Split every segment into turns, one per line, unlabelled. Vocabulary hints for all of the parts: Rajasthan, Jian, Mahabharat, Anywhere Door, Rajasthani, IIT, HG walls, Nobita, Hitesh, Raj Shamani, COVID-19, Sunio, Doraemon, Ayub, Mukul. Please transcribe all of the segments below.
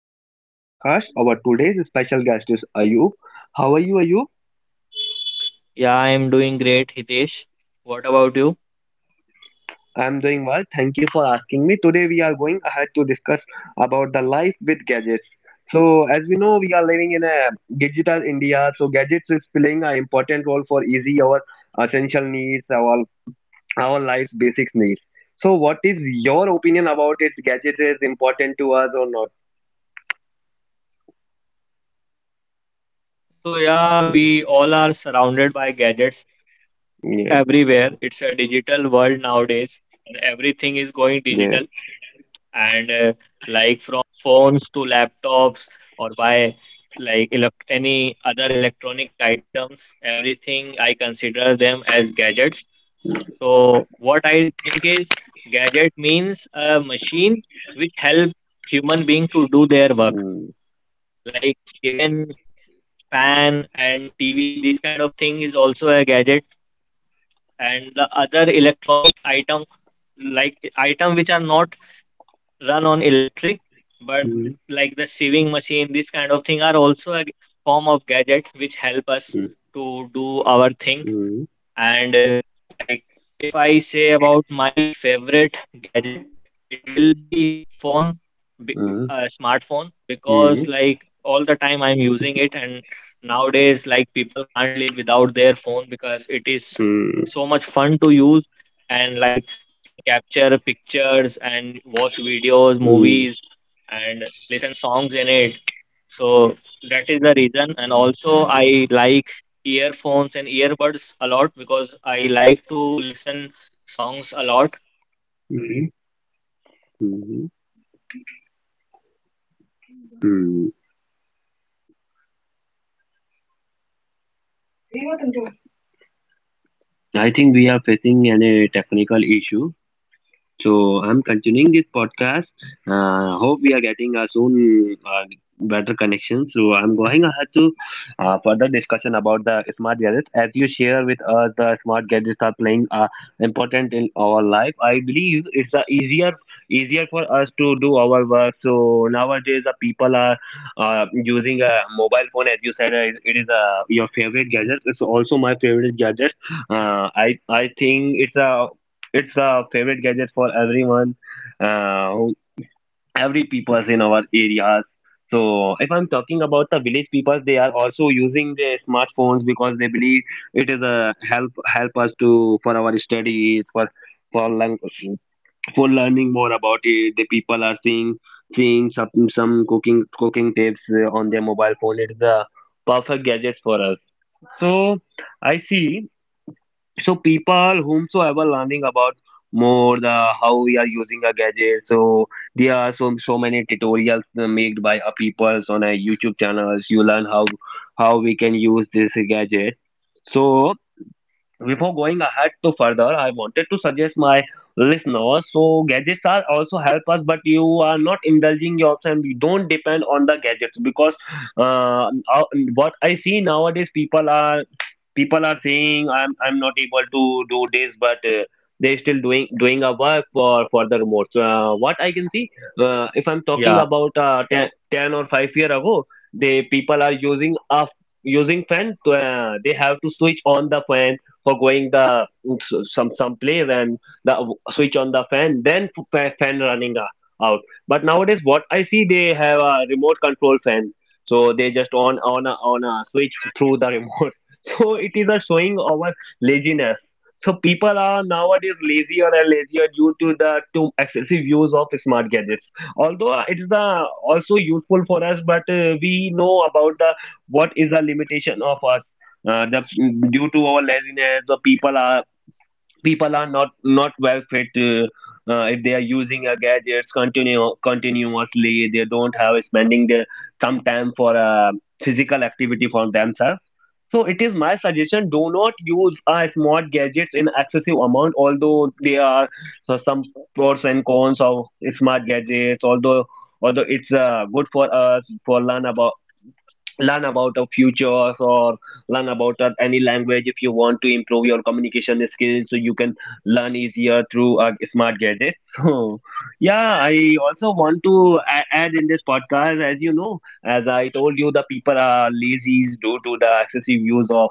host of this podcast. Our today's special guest is Ayub. How are you, Ayub?
Yeah, I'm doing great, Hitesh. What about you?
I am doing well. Thank you for asking me. Today we are going ahead to discuss about the life with gadgets. So, as we know, we are living in a digital India. So, gadgets is playing an important role for easy our essential needs, our life's basic needs. So, what is your opinion about it? Gadgets is important to us or not?
So, yeah, we all are surrounded by gadgets
Yeah.
everywhere. It's a digital world nowadays, and everything is going
Yeah.
digital. And Like from phones to laptops or by like elect any other electronic items, everything I consider them as gadgets. So, what I think is gadget means a machine which help human being to do their work, like even fan and TV, this kind of thing is also a gadget. And the other electronic item, like item which are not run on electric, but
Mm.
like the sewing machine, this kind of thing are also a form of gadget which help us to do our thing.
Mm,
And Like if I say about my favorite gadget, it will be phone, be-
mm,
smartphone, because
mm,
like all the time I'm using it, and nowadays like people can't live without their phone because it is
mm,
so much fun to use, and like you can capture pictures and watch videos,
mm,
movies, and listen songs in it. So that is the reason, and also I like earphones and earbuds a lot because I like to listen songs a lot. And
mm,
normally, what I do is
mm,
whenever I get a free time, I go to a park which is near
mm.
my home, and I just wear my earbuds and just walk around the park and listen my favorite songs. So
I
it
think we
gives
are
me a lot
facing an,
of
a
good
technical
relaxation.
issue.
And
So I'm continuing this
for
podcast.
as I said
Hope we are
about
getting a
relaxation,
soon
many people
better
nowadays
connection. So I'm
bought
going
the
ahead to
massage chair
further discussion
where
about
they
the
just
smart
sit
gadgets.
and
As
the
you share
chair
with us, the
automatically
smart gadgets
massage
are
their
playing
body. So
important in our life.
though it
I
is a very
believe it's
expensive
easier
product, but
easier
some
for us
people
to
are
do
able to
our work.
afford it
So
and they
nowadays, the
enjoy the
people are
luxury of that
using a mobile phone. As
product.
you said, it
So
is
this is the
your
thing,
favorite gadget. It's also my
like
favorite gadget.
everyone
I
uses
think
gadget as per
it's
their
a favorite gadget
convenience.
for everyone,
So anything
uh,
you
who-
want to add, Hitesh?
every peoples in our areas. So if I'm talking about the village people, they are also using their smartphones because they believe it is
I
a
think we have
help
lost the
help us to
connection.
for our studies for learn for learning more about it. The people are seeing
Am I
seeing some
audible?
some cooking tips on their mobile phone. It's the perfect gadget for us. So I see, so people whomsoever learning about more the how we are using a gadget, so there are so many tutorials made by
We are
peoples
having a
on a
network
youtube
problem,
channels, you
guys.
learn
So sorry
how
for
we
the
can use this
interruption.
gadget. So before going ahead to further, I wanted to suggest my listeners. So gadgets are also help us, but you are not indulging yourself, and you don't depend on the gadgets because uh, uh, what I see nowadays, people are saying I'm not able to do this, but they still doing a work for the remote. So, what I can see, if I'm talking about ten
Yeah,
ten or five year ago, the people are using a using fan to, they have to switch on the fan for going the some place and the switch on the fan, then fan running out. But nowadays, what I see, they have a remote control fan, so they just on on a switch through the remote. So it is a showing our laziness. So people are nowadays lazier and lazier due to the to excessive use of smart gadgets. Although it is the also useful for us, but we know about the what is the limitation of us, the due to our laziness the people are not not well fit, if they are using gadgets continue continuously, they don't have spending the some time for physical activity for themselves. So it is my suggestion, do not use smart gadgets in excessive amount. Although there are some pros and cons of smart gadgets, although it's good for us for learn about a futures or learn about any language. If you want to improve your communication skills, so you can learn easier through smart gadgets. So yeah, I also want to add in this podcast, as you know, as I told you, the people are lazy due to the excessive use of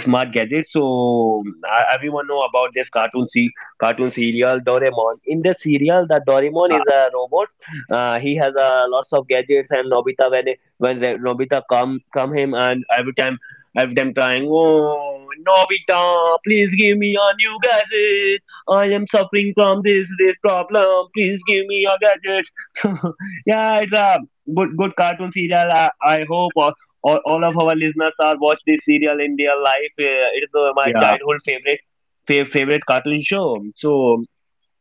smart gadgets. So everyone know about this cartoon serial Doraemon. In the serial, the Doraemon is a robot.
uh,
He has lots of gadgets, and Nobita, when the Nobita come him, and every time trying, oh Nobita, please give me a new gadget. I am suffering from this problem, please give me a gadget. Yeah, it's a good cartoon serial. I hope all of our listeners are watch this serial in their life. It is my childhood favorite
yeah,
favorite cartoon show. So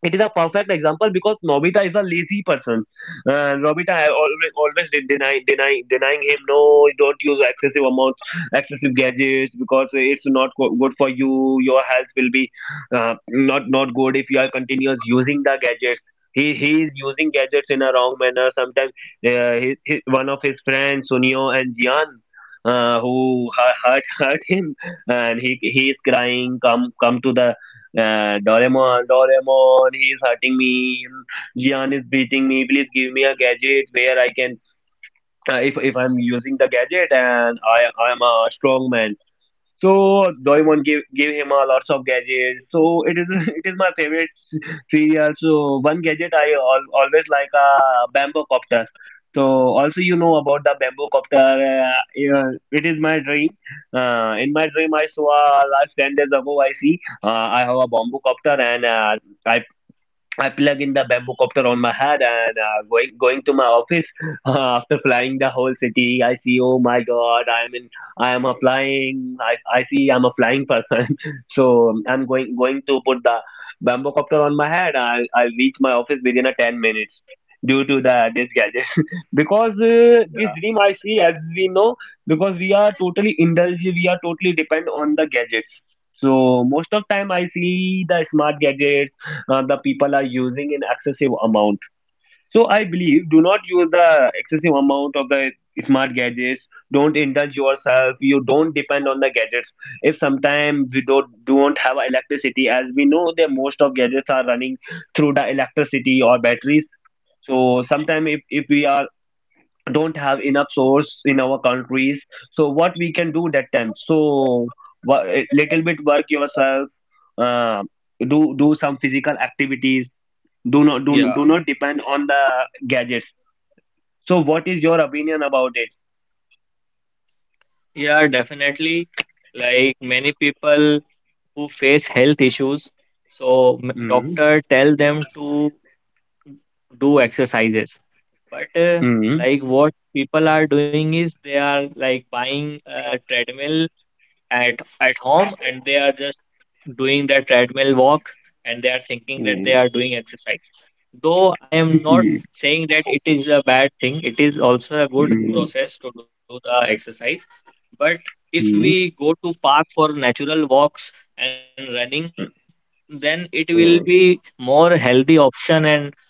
it is a perfect example because Nobita is a lazy person. Nobita always denying him. No, don't use excessive amounts, excessive gadgets, because it's not go- good for you. Your health will be not not good if you are continuous using the gadgets. He is using gadgets in a wrong manner. Sometimes one of his friends Sunio and Jian, hurt him, and he is crying, come to the Doraemon, he's hurting me. Gian is beating me. Please give me a gadget where I can. If I'm using the gadget and I am a strong man, so Doraemon gave him a lots of gadgets. So it is, it is my favorite serial. So one gadget I al always like, a bamboo copter. So also you know about the bamboo copter. Yeah, it is my dream. In my dream I saw, last 10 days ago I see, I have a bamboo copter, and I I plug in the bamboo copter on my head and going to my office. After flying the whole city, I see, oh my god, I am a flying. I see, I'm a flying person. So I'm going to put the bamboo copter on my head. I'll reach my office within a 10 minutes due to the this gadget. Because this dream I see, as
yeah,
we know, because we are totally indulged. We are totally depend on the gadgets. So most of time I see the smart gadgets, the people are using in excessive amount. So I believe, do not use the excessive amount of the smart gadgets. Don't indulge yourself. You don't depend on the gadgets. If sometimes we don't have electricity, as we know that most of gadgets are running through the electricity or batteries. So sometimes if we are don't have enough source in our countries, so what we can do that time? So little bit work yourself. Uh, do some physical activities, do not depend on
yeah,
the gadgets. So what is your opinion about it?
yeah, definitely. Like many people who face health issues,
mm,
so doctor tell them to do exercises.
mm,
But like what people are doing is they are like buying a treadmill at home and they are just doing their treadmill walk and they are
mm,
thinking that they are doing exercise, though
mm,
I am not saying that it is a bad thing, it
mm,
is
mm,
also a good process to do the exercise. But if we go to park for natural walks and running, then it will
mm,
be more healthy option and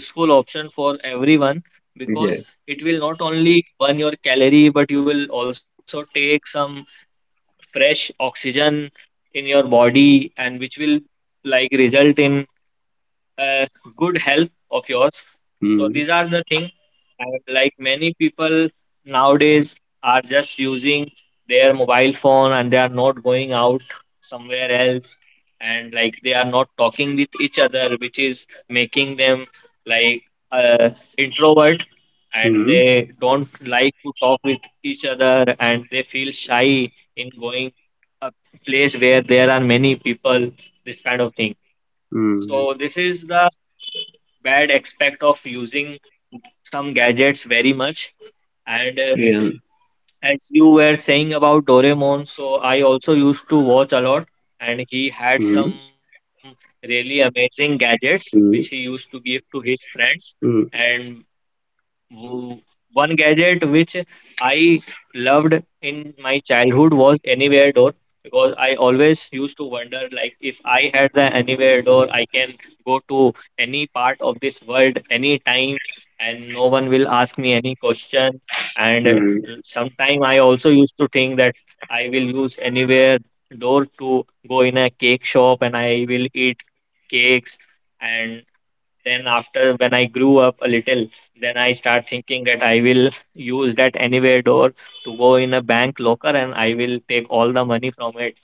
useful option for everyone
yeah.
because it will not only burn your calorie but you will also take some fresh oxygen in your body and which will like result in uh, good health of yours. So
mm,
these are the things. And like many people nowadays are just using their mobile phone and they are not going out somewhere else and like they are not talking with each other, which is making them like, uh, introvert,
mm,
and
mm,
they don't like to talk with each other and they feel shy in going a place where there are many people, this kind of thing. So this is the bad aspect of using some gadgets very much. And
yeah.
as you were saying about Doraemon, so I also used to watch a lot, and he had
mm,
some really amazing gadgets which he used to give to his friends. And one gadget which I loved in my childhood was Anywhere Door because I always used to wonder, like if I had the Anywhere Door, I can go to any part of this world anytime, and no one will ask me any question. And sometime I also used to think that I will use Anywhere Door to go in a cake shop and I will eat cakes. And then after when I grew up a little, then I start thinking that I will use that Anywhere Door to go in a bank locker and I will take all the money from it.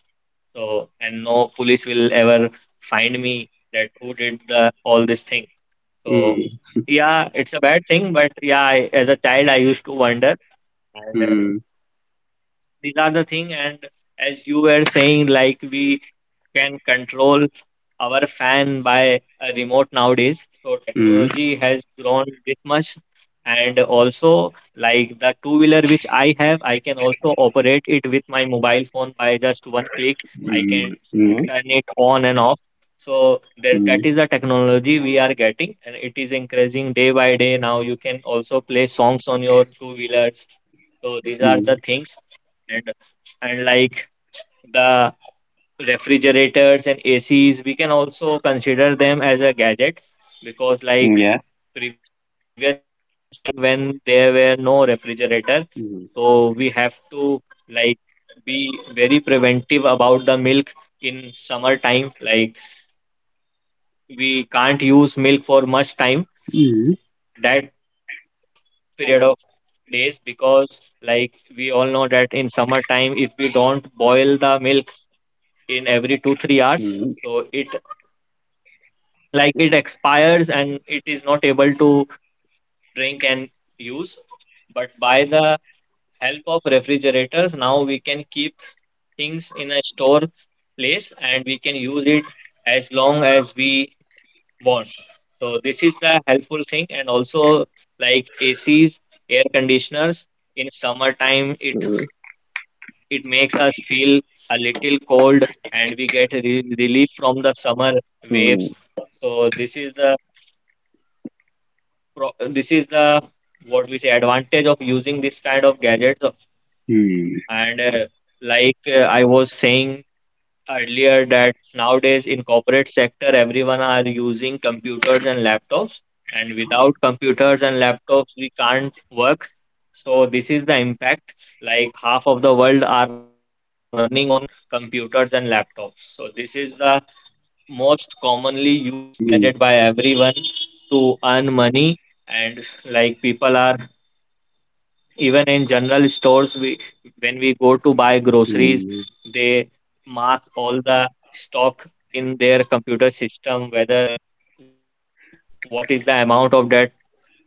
So and no police will ever find me that who did the all this thing. So
mm,
yeah, it's a bad thing, but yeah, I, as a child, I used to wonder.
mm,
And
mm,
these are the thing. And as you were saying, like we can control our fan by a remote nowadays, so
mm,
technology has grown this much. And also like the two wheeler which I have, I can also operate it with my mobile phone by just one click.
mm,
I
mm,
can
mm, mm,
turn it on and off. So that,
mm,
that is the technology we are getting and it is increasing day by day. Now you can also play songs on your two wheelers. So these are
mm,
the things. And and like the refrigerators and ACs, we can also consider them as a gadget because
Yeah.
like previous time when there were no refrigerator,
mm,
so we have to like be very preventive about the milk in summer time. Like we can't use milk for much time,
mm,
that period of days, because like we all know that in summer time, if we don't boil the milk in every two three
mm,
hours
mm, mm,
so it, like, it expires and it is not able to drink and use. But by the help of refrigerators, now we can keep things in a store place and we can use it as long as we want. So this is the helpful thing. And also like ACs, air conditioners, in summertime,
mm, mm,
it
mm, mm,
it makes us feel a little cold and we get relief from the summer waves. So this is the this is the, what we say, advantage of using this kind of gadgets. And I was saying earlier that nowadays in corporate sector everyone are using computers and laptops, and without computers and laptops we can't work. So this is the impact. Like half of the world are running on computers and laptops. So this is the most commonly used gadget by everyone to earn money. And like people are, even in general stores, we, when we go to buy groceries, they mark all the stock in their computer system, whether what is the amount of that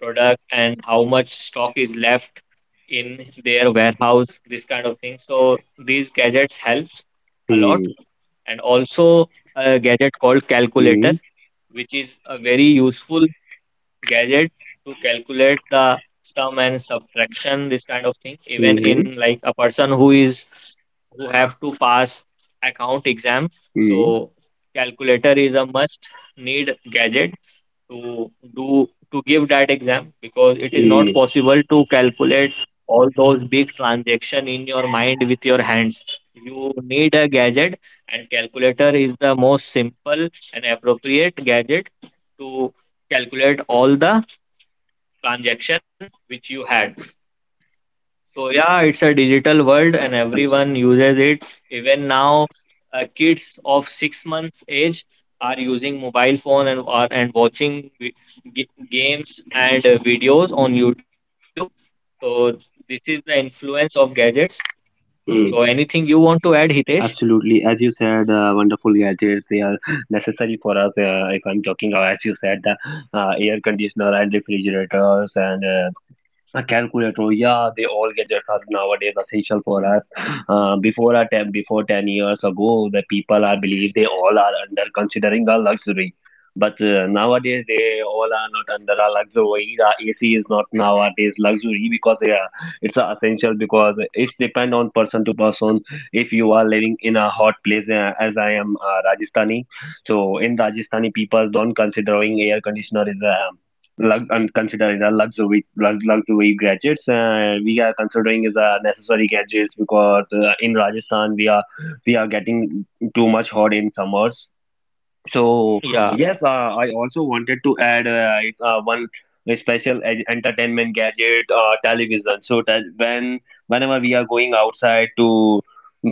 product and how much stock is left in their warehouse, this kind of thing. So these gadgets helps a lot. And also a gadget called calculator,
mm,
which is a very useful gadget to calculate the sum and subtraction, this kind of thing. Even in, like, a person who is, who have to pass account exam, so calculator is a must need gadget to do, to give that exam, because it is
mm,
not
mm,
possible to calculate all those big transaction in your mind with your hands. You need a gadget, and calculator is the most simple and appropriate gadget to calculate all the transaction which you had. So yeah, it's a digital world and
mm,
everyone uses it. Even now, kids of 6 months age are using mobile phone and are and watching games and videos on YouTube. So this is the influence of gadgets. So
mm,
anything you want to add, Hitesh?
Absolutely. As you said, wonderful gadgets they are, necessary for us. If I'm talking, as you said, the air conditioner and refrigerators and a calculator, yeah, they all gadgets are nowadays essential for us. Before 10 years ago, the people I believe they all are under considering a luxury. But nowadays they all are not under a luxury. The AC is not nowadays luxury because yeah, it's a essential because it's depend on person to person. If you are living in a hot place, as I am Rajasthani, so in Rajasthani people don't considering air conditioner is a lug- and considering the luxury gadgets. We are considering is a necessary gadgets, because in Rajasthan we are getting too much hot in summers. So yes, I
Yeah.
also wanted to add, one special entertainment gadget, television. So that when whenever we are going outside to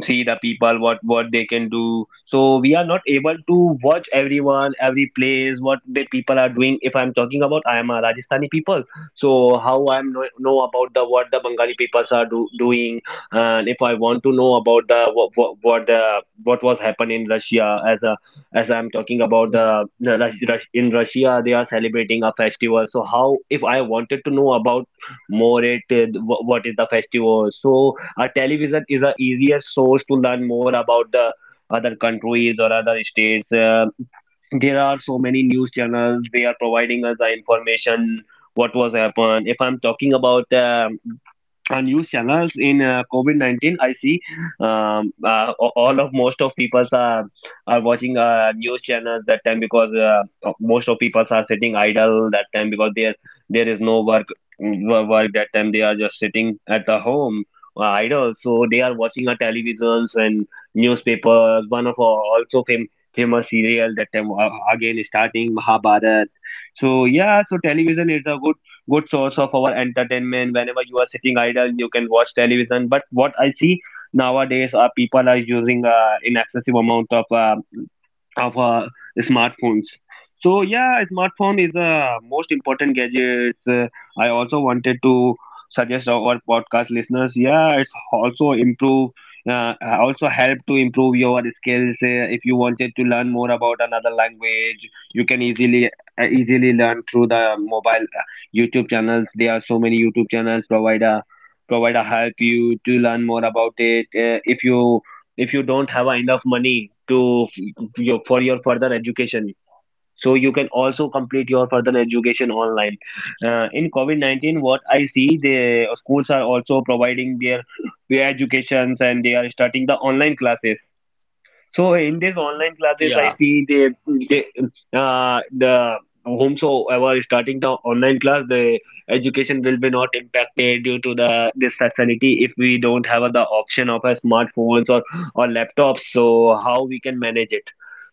see the people, what they can do, so we are not able to watch everyone, every place, what the people are doing. If I'm talking about, I am a Rajasthani people, so how I am know about the what the Bengali peoples are doing, and if I want to know about the what was happened in Russia, as a as I'm talking about the in
Mm.
Russia they are celebrating a festival. So how if I wanted to know about more it, what is the festival? So a television is a easier source to learn more about the other countries or other states. There are so many news channels. They are providing us the information what was happened. If I'm talking about news channels in COVID-19, I see all of most of people are watching news channels that time, because most of people are sitting idle that time because there is no work. Work that time they are just sitting at the home, idle, so they are watching our televisions and newspapers. One of our also famous serial that time, again starting Mahabharat. So yeah, so television is a good source of our entertainment. Whenever you are sitting idle, you can watch television. But what I see nowadays, people are using, in excessive amount of smartphones. So yeah, smartphone is the most important gadgets. I also wanted to suggest our podcast listeners. Yeah, it's also improve. Uh, Also help to improve your skills. If you wanted to learn more about another language, you can easily learn through the mobile, YouTube channels. There are so many YouTube channels provide a help you to learn more about it. If you don't have enough money to your for your further education, so you can also complete your further education online, in covid-19, what I see, the schools are also providing their educations and they are starting the online classes. So in these online classes, I see
Yeah.
they the whomsoever is starting the online class, the education will be not impacted due to the this facility. If we don't have the option of a smartphones or laptops, so how we can manage it.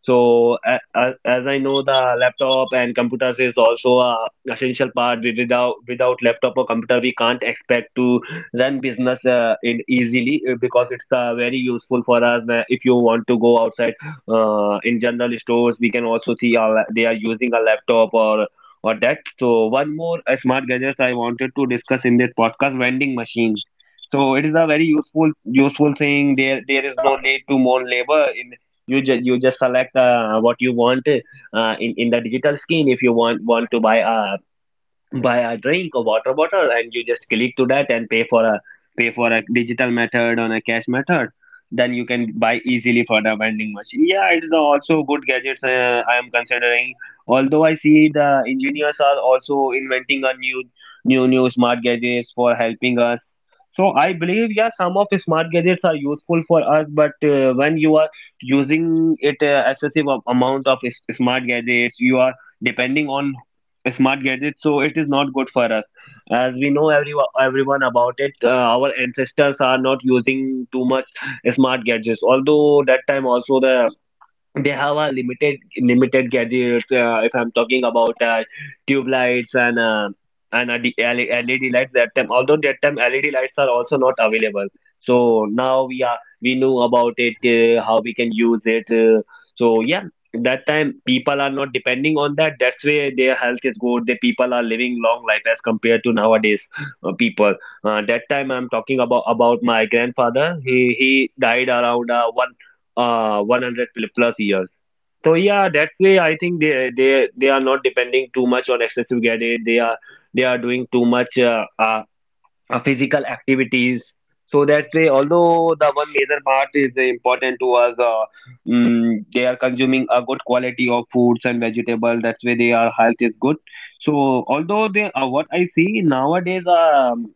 So as I know, the laptop and computers is also a essential part. Without laptop or computer, we can't expect to run business, in easily, because it's very useful for us. If you want to go outside, in general stores, we can also see our, they are using a laptop or that. So one more, smart gadgets I wanted to discuss in this podcast: vending machine. So it is a very useful thing. There
Yeah.
is no need to more labor. You just select, what you want, in the digital screen. If you want to buy a drink or water bottle and you just click to that and pay for a digital method on a cash method, then you can buy easily for the vending machine. Yeah, it's the also good gadgets, I am considering. Although I see the engineers are also inventing a new smart gadgets for helping us. So I believe, yeah, some of smart gadgets are useful for us, but when you are using it, excessive amount of smart gadgets, you are depending on smart gadgets, so it is not good for us. As we know everyone about it, our ancestors are not using too much smart gadgets. Although that time also they have a limited gadgets. If I'm talking about, tube lights and, and a LED lights. That time, although that time LED lights are also not available. So now we know about it, how we can use it. So yeah, that time people are not depending on that. That's why their health is good. The people are living long life as compared to nowadays, people. That time I'm talking about my grandfather. He died around one 100 plus years. So yeah, that way I think they are not depending too much on excessive gas. They are doing too much, physical activities. So that way, although the one major part is, important to us, they are consuming a good quality of foods and vegetables. That's why their health is good. So although they what I see nowadays,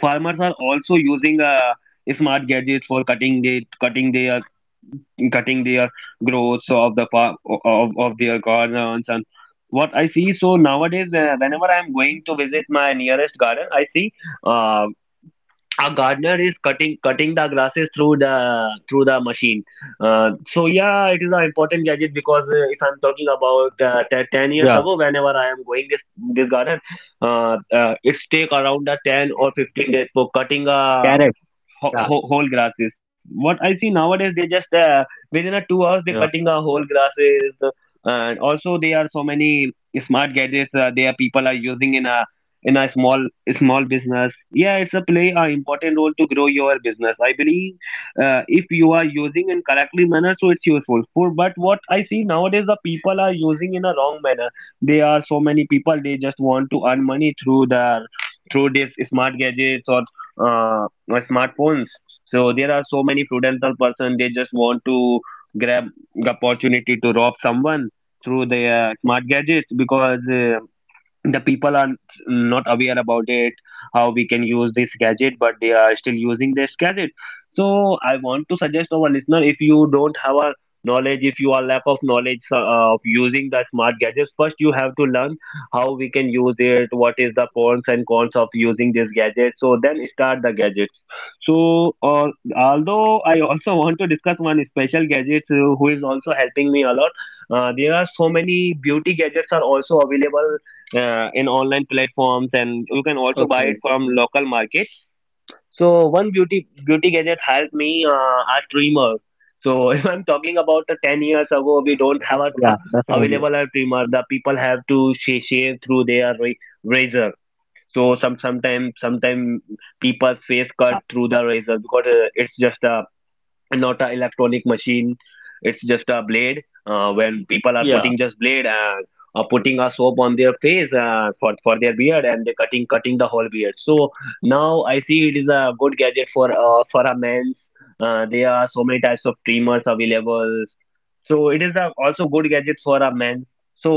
farmers are also using, smart gadgets for cutting their growths of their gardens and what I see. So nowadays, whenever I'm going to visit my nearest garden, I see, uh, a gardener is cutting the grasses through the machine. So yeah, it is an important gadget because, if I'm talking about, 10 years
Yeah.
ago, whenever I am going this garden, it's take around a 10 or 15 days for cutting a
Correct. Yeah.
whole grasses. What I see nowadays, they just, within a 2 hours they're
Yeah.
cutting a whole grasses, and also there are so many smart gadgets. There people are using in a small business. Yeah, it's a play a important role to grow your business. I believe, if you are using in correctly manner, so it's useful. For but what I see nowadays, the people are using in a wrong manner. There are so many people they just want to earn money through the through this smart gadgets or, or smartphones. So there are so many prudential person they just want to grab the opportunity to rob someone through their smart gadgets because, the people are not aware about it how we can use this gadget, but they are still using this gadget. So I want to suggest our listener, if you don't have a knowledge, if you are lack of knowledge, of using the smart gadgets, first you have to learn how we can use it, what is the pros and cons of using this gadget, so then start the gadgets. So, although I also want to discuss one special gadget, who is also helping me a lot. There are so many beauty gadgets are also available, in online platforms, and you can also buy it
Okay.
from local market. So one beauty gadget helped me, a trimmer. So if I'm talking about the 10 years ago, we don't have a,
Yeah.
a
Definitely.
available a trimmer, the people have to shave through their razor. So sometimes people face
Yeah.
cut through the razor because, it's just a and not a electronic machine. It's just a blade, when people are putting
Yeah.
just blade and, putting a soap on their face, for their beard and they cutting the whole beard, so now I see it is a good gadget for, for a men's. There are so many types of trimmers available. So it is a also good gadget for a man. So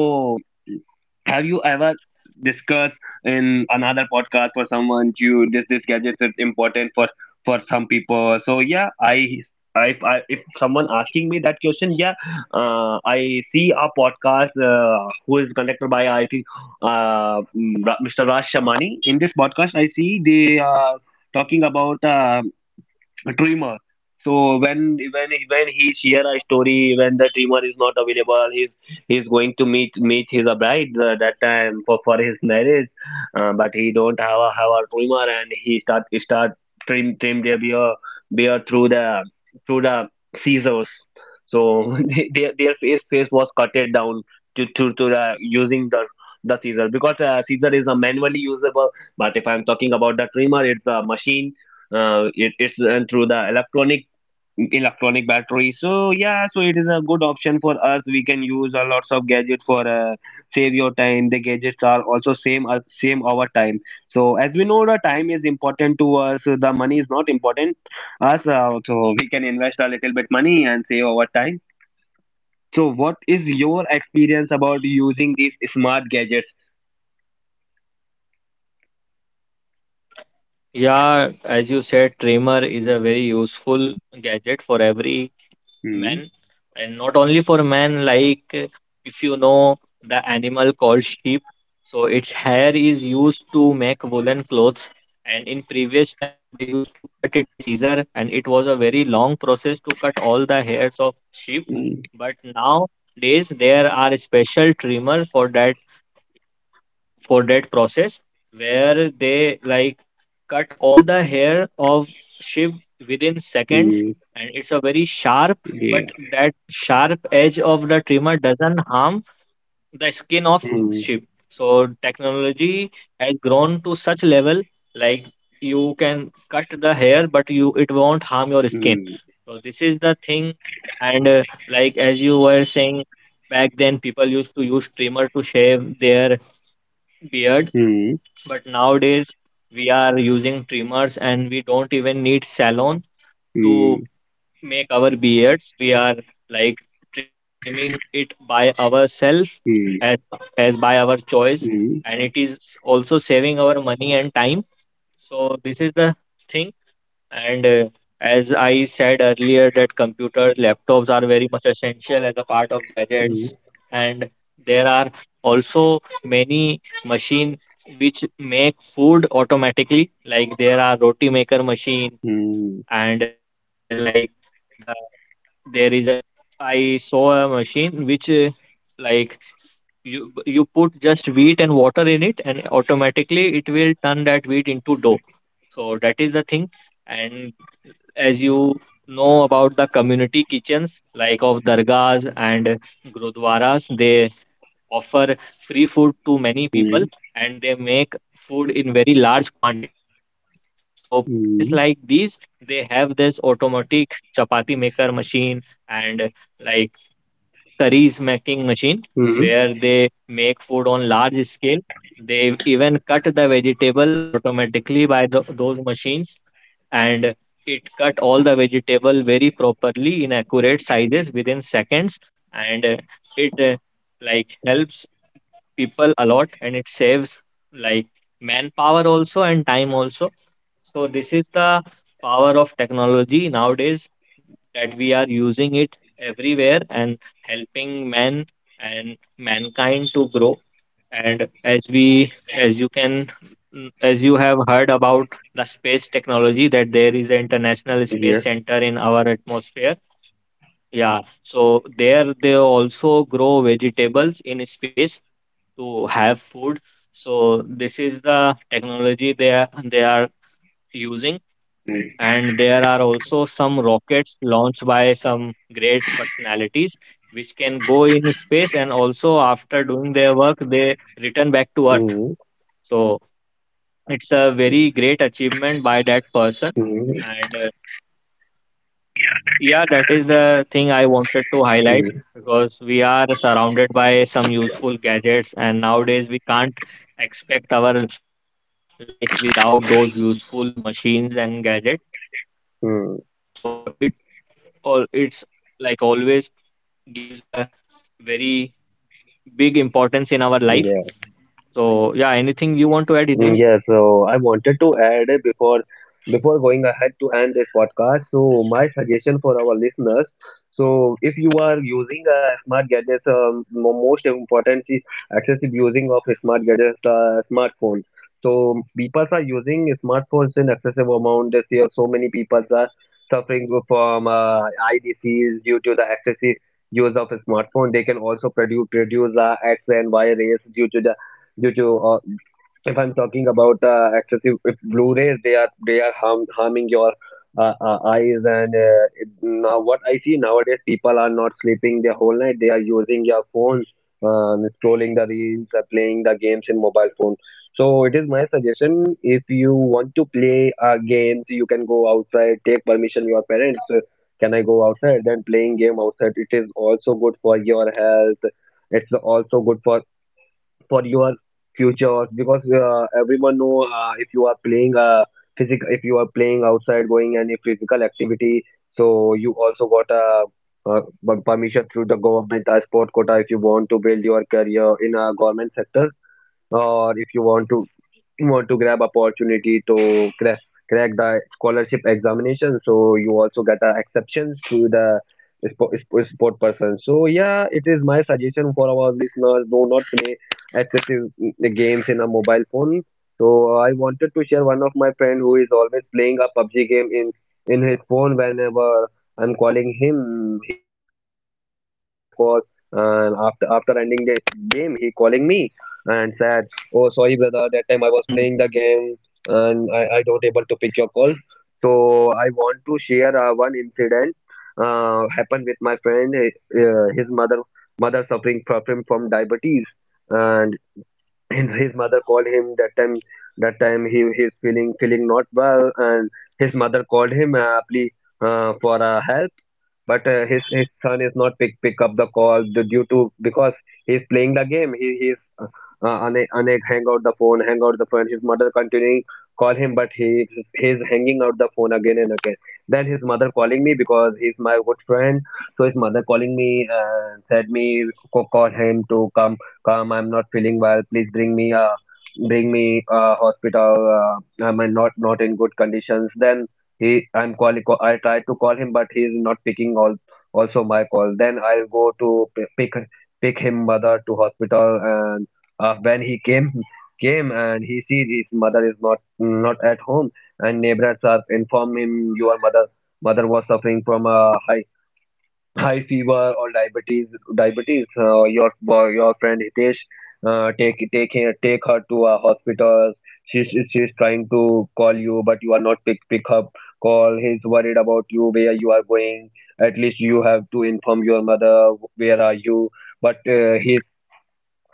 have you ever discussed in another podcast for someone. You this gadget is important for some people. So yeah, I, if someone asking me that question, yeah, I see a podcast, who is conducted by IIT, Mr. Raj Shamani. In this podcast, I see they are talking about, a trimmer. So when he share a story, when the trimmer is not available, he's going to meet his bride, that time for his marriage, but he don't have a trimmer and he start trim their beard through the scissors. So their face was cutted down to the using the scissor because, scissor is a manually usable, but if I'm talking about the trimmer, it's a machine, it, it's through the electronic battery. So yeah, so it is a good option for us, we can use a lots of gadget for, save your time, the gadgets are also same our time. So as we know the time is important to us, the money is not important us, so we can invest a little bit money and save our time. So what is your experience about using these smart gadgets?
Yeah, as you said, trimmer is a very useful gadget for every
Hmm.
men, and not only for men, like, if you know the animal called sheep, so its hair is used to make woolen clothes, and in previous time they used to cut it by scissor and it was a very long process to cut all the hairs of sheep.
Hmm.
But nowadays there are special trimmers for that, for that process, where they, like, cut all the hair of Shiv within seconds,
Hmm.
and it's a very sharp,
Yeah.
but that sharp edge of the trimmer doesn't harm the skin of
Hmm.
Shiv. So technology has grown to such level, like you can cut the hair but you, it won't harm your skin.
Hmm.
So this is the thing. And like as you were saying, back then people used to use trimmer to shave their beard,
Hmm.
but nowadays we are using trimmers and we don't even need salon
Hmm.
to make our beards. We are, like, trimming it by ourselves, as
Hmm.
as by our choice,
Mm,
and it is also saving our money and time. So this is the thing. And as I said earlier, that computers, laptops are very much essential as a part of
mm,
gadgets. And there are also many machines which make food automatically. Like there are roti maker machine,
mm,
and the there is a, I saw a machine which, like, you put just wheat and water in it, and automatically it will turn that wheat into dough. So that is the thing. And as you know about the community kitchens, like of dargahs and gurudwaras, they offer free food to many
mm,
people, and they make food in very large quantity, so places like
mm,
these, they have this automatic chapati maker machine, and, like, curries making machine,
mm,
where they make food on large scale. They even cut the vegetable automatically by the, those machines, and it cut all the vegetable very properly in accurate sizes within seconds. And it like, helps people a lot, and it saves, like, manpower also and time also. So this is the power of technology nowadays, that we are using it everywhere and helping men and mankind to grow. And as we, as you can, as you have heard about the space technology, that there is an international space
yes,
center in our atmosphere. Yeah, so there they also grow vegetables in space to have food. So this is the technology they are using.
mm,
And there are also some rockets launched by some great personalities, which can go in space and also after doing their work they return back to earth.
mm,
So it's a very great achievement by that person.
mm,
And yeah, that is the thing I wanted to highlight, because we are surrounded by some useful gadgets, and nowadays we can't expect our life without those useful machines and gadgets.
mm,
So it all, it's like always gives a very big importance in our
mm,
life.
yeah.
So yeah, anything you want to add,
Mm, yeah,
Hitesh?
so I wanted to add, before going ahead to end this podcast. So my suggestion for our listeners, so if you are using a smart gadgets, most important is excessive using of smart gadgets, smartphone. So people are using smartphones in excessive amount this year. So many people are suffering from, eye disease due to the excessive use of a smartphone. They can also produce, X and Y rays due to due to uh, if I'm talking about, excessive if Blu-rays, they are harming your, eyes and, now what I see nowadays, people are not sleeping the whole night. They are using their phones, scrolling the reels, playing the games in mobile phone. So it is my suggestion. If you want to play, games, you can go outside. Take permission your parents. Can I go outside? Then playing game outside. It is also good for your health. It's also good for your future because everyone know if you are playing physical if you are playing outside going any physical activity so you also got a uh, permission through the government a sport quota if you want to build your career in a government sector or if you want to grab opportunity to crack the scholarship examination so you also get exceptions to the sport person so yeah it is my suggestion for our listeners. Do not play excessive games in a mobile phone. So I wanted to share one of my friend who is always playing a PUBG game in his phone. Whenever I'm calling him, he don't pick up my call, and after ending the game he calling me and said. Oh, sorry, brother. That time I was playing the game and I don't able to pick your call. So I want to share one incident happened with my friend. He- His mother suffering from diabetes, and his mother called him that time. That time he is feeling not well, and his mother called him please, for help, but his son is not pick up the call due to because he's playing the game. He he's Anek Anek hang out the phone, hang out the phone. His mother continuing call him, but he's hanging out the phone again and again. Then his mother calling me because he's my good friend. So his mother calling me said me, Call him to come. I'm not feeling well. Please bring me hospital. I'm in not in good conditions." Then he I'm calling, I tried to call him but he is not picking all also my call. Then I'll go to pick pick him mother to hospital, and when he came and he sees his mother is not at home, and neighbors are inform him, "Your mother was suffering from a high fever or diabetes. Your boy, your friend Hitesh, take her, take her to a hospital. She's trying to call you but you are not pick up call. He's worried about you. Where you are going? At least you have to inform your mother where are you." But he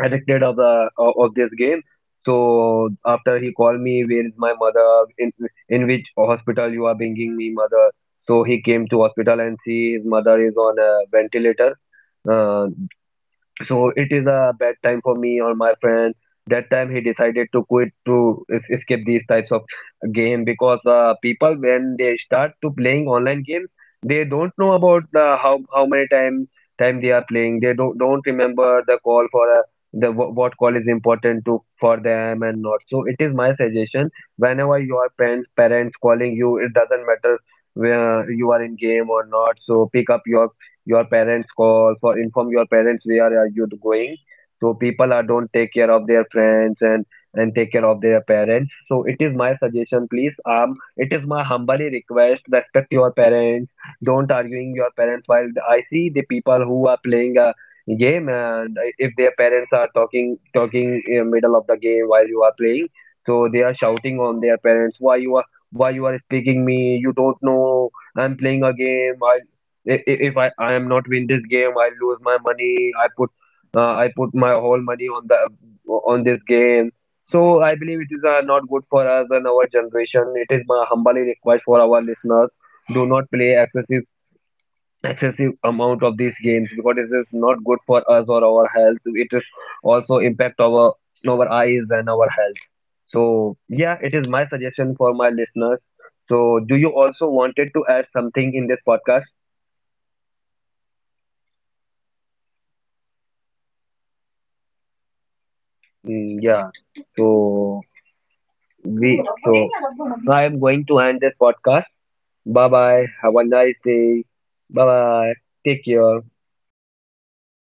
addicted of the of this game. So after, he called me, "Where is my mother? In in which hospital you are bringing me, mother?" So he came to hospital and see his mother is on a ventilator. Uh, so it is a bad time for me or my friend. That time he decided to quit, to escape these types of game, because people when they start to playing online games, they don't know about the how many time they are playing. They don't remember the call for a the what call is important to for them and not. So it is my suggestion: whenever your parents calling you, it doesn't matter where you are, in game or not, so pick up your parents call for inform your parents where are you going. So people are don't take care of their friends and take care of their parents. So it is my suggestion, please, it is my humbly request, respect your parents, don't arguing your parents. While I see the people who are playing a game, and if their parents are talking in middle of the game while you are playing, so they are shouting on their parents, Why you are speaking me? You don't know I'm playing a game. If I am not win this game, I lose my money. I put my whole money on the on this game." So I believe it is not good for us and our generation. It is my humbly request for our listeners: do not play excessive amount of these games because it is not good for us or our health. It is also impact our eyes and our health. So yeah, it is my suggestion for my listeners. So do you also wanted to add something in this podcast? Mm, yeah. So we so so I am going to end this podcast. Bye bye. Have a nice day. Bye bye. Take care.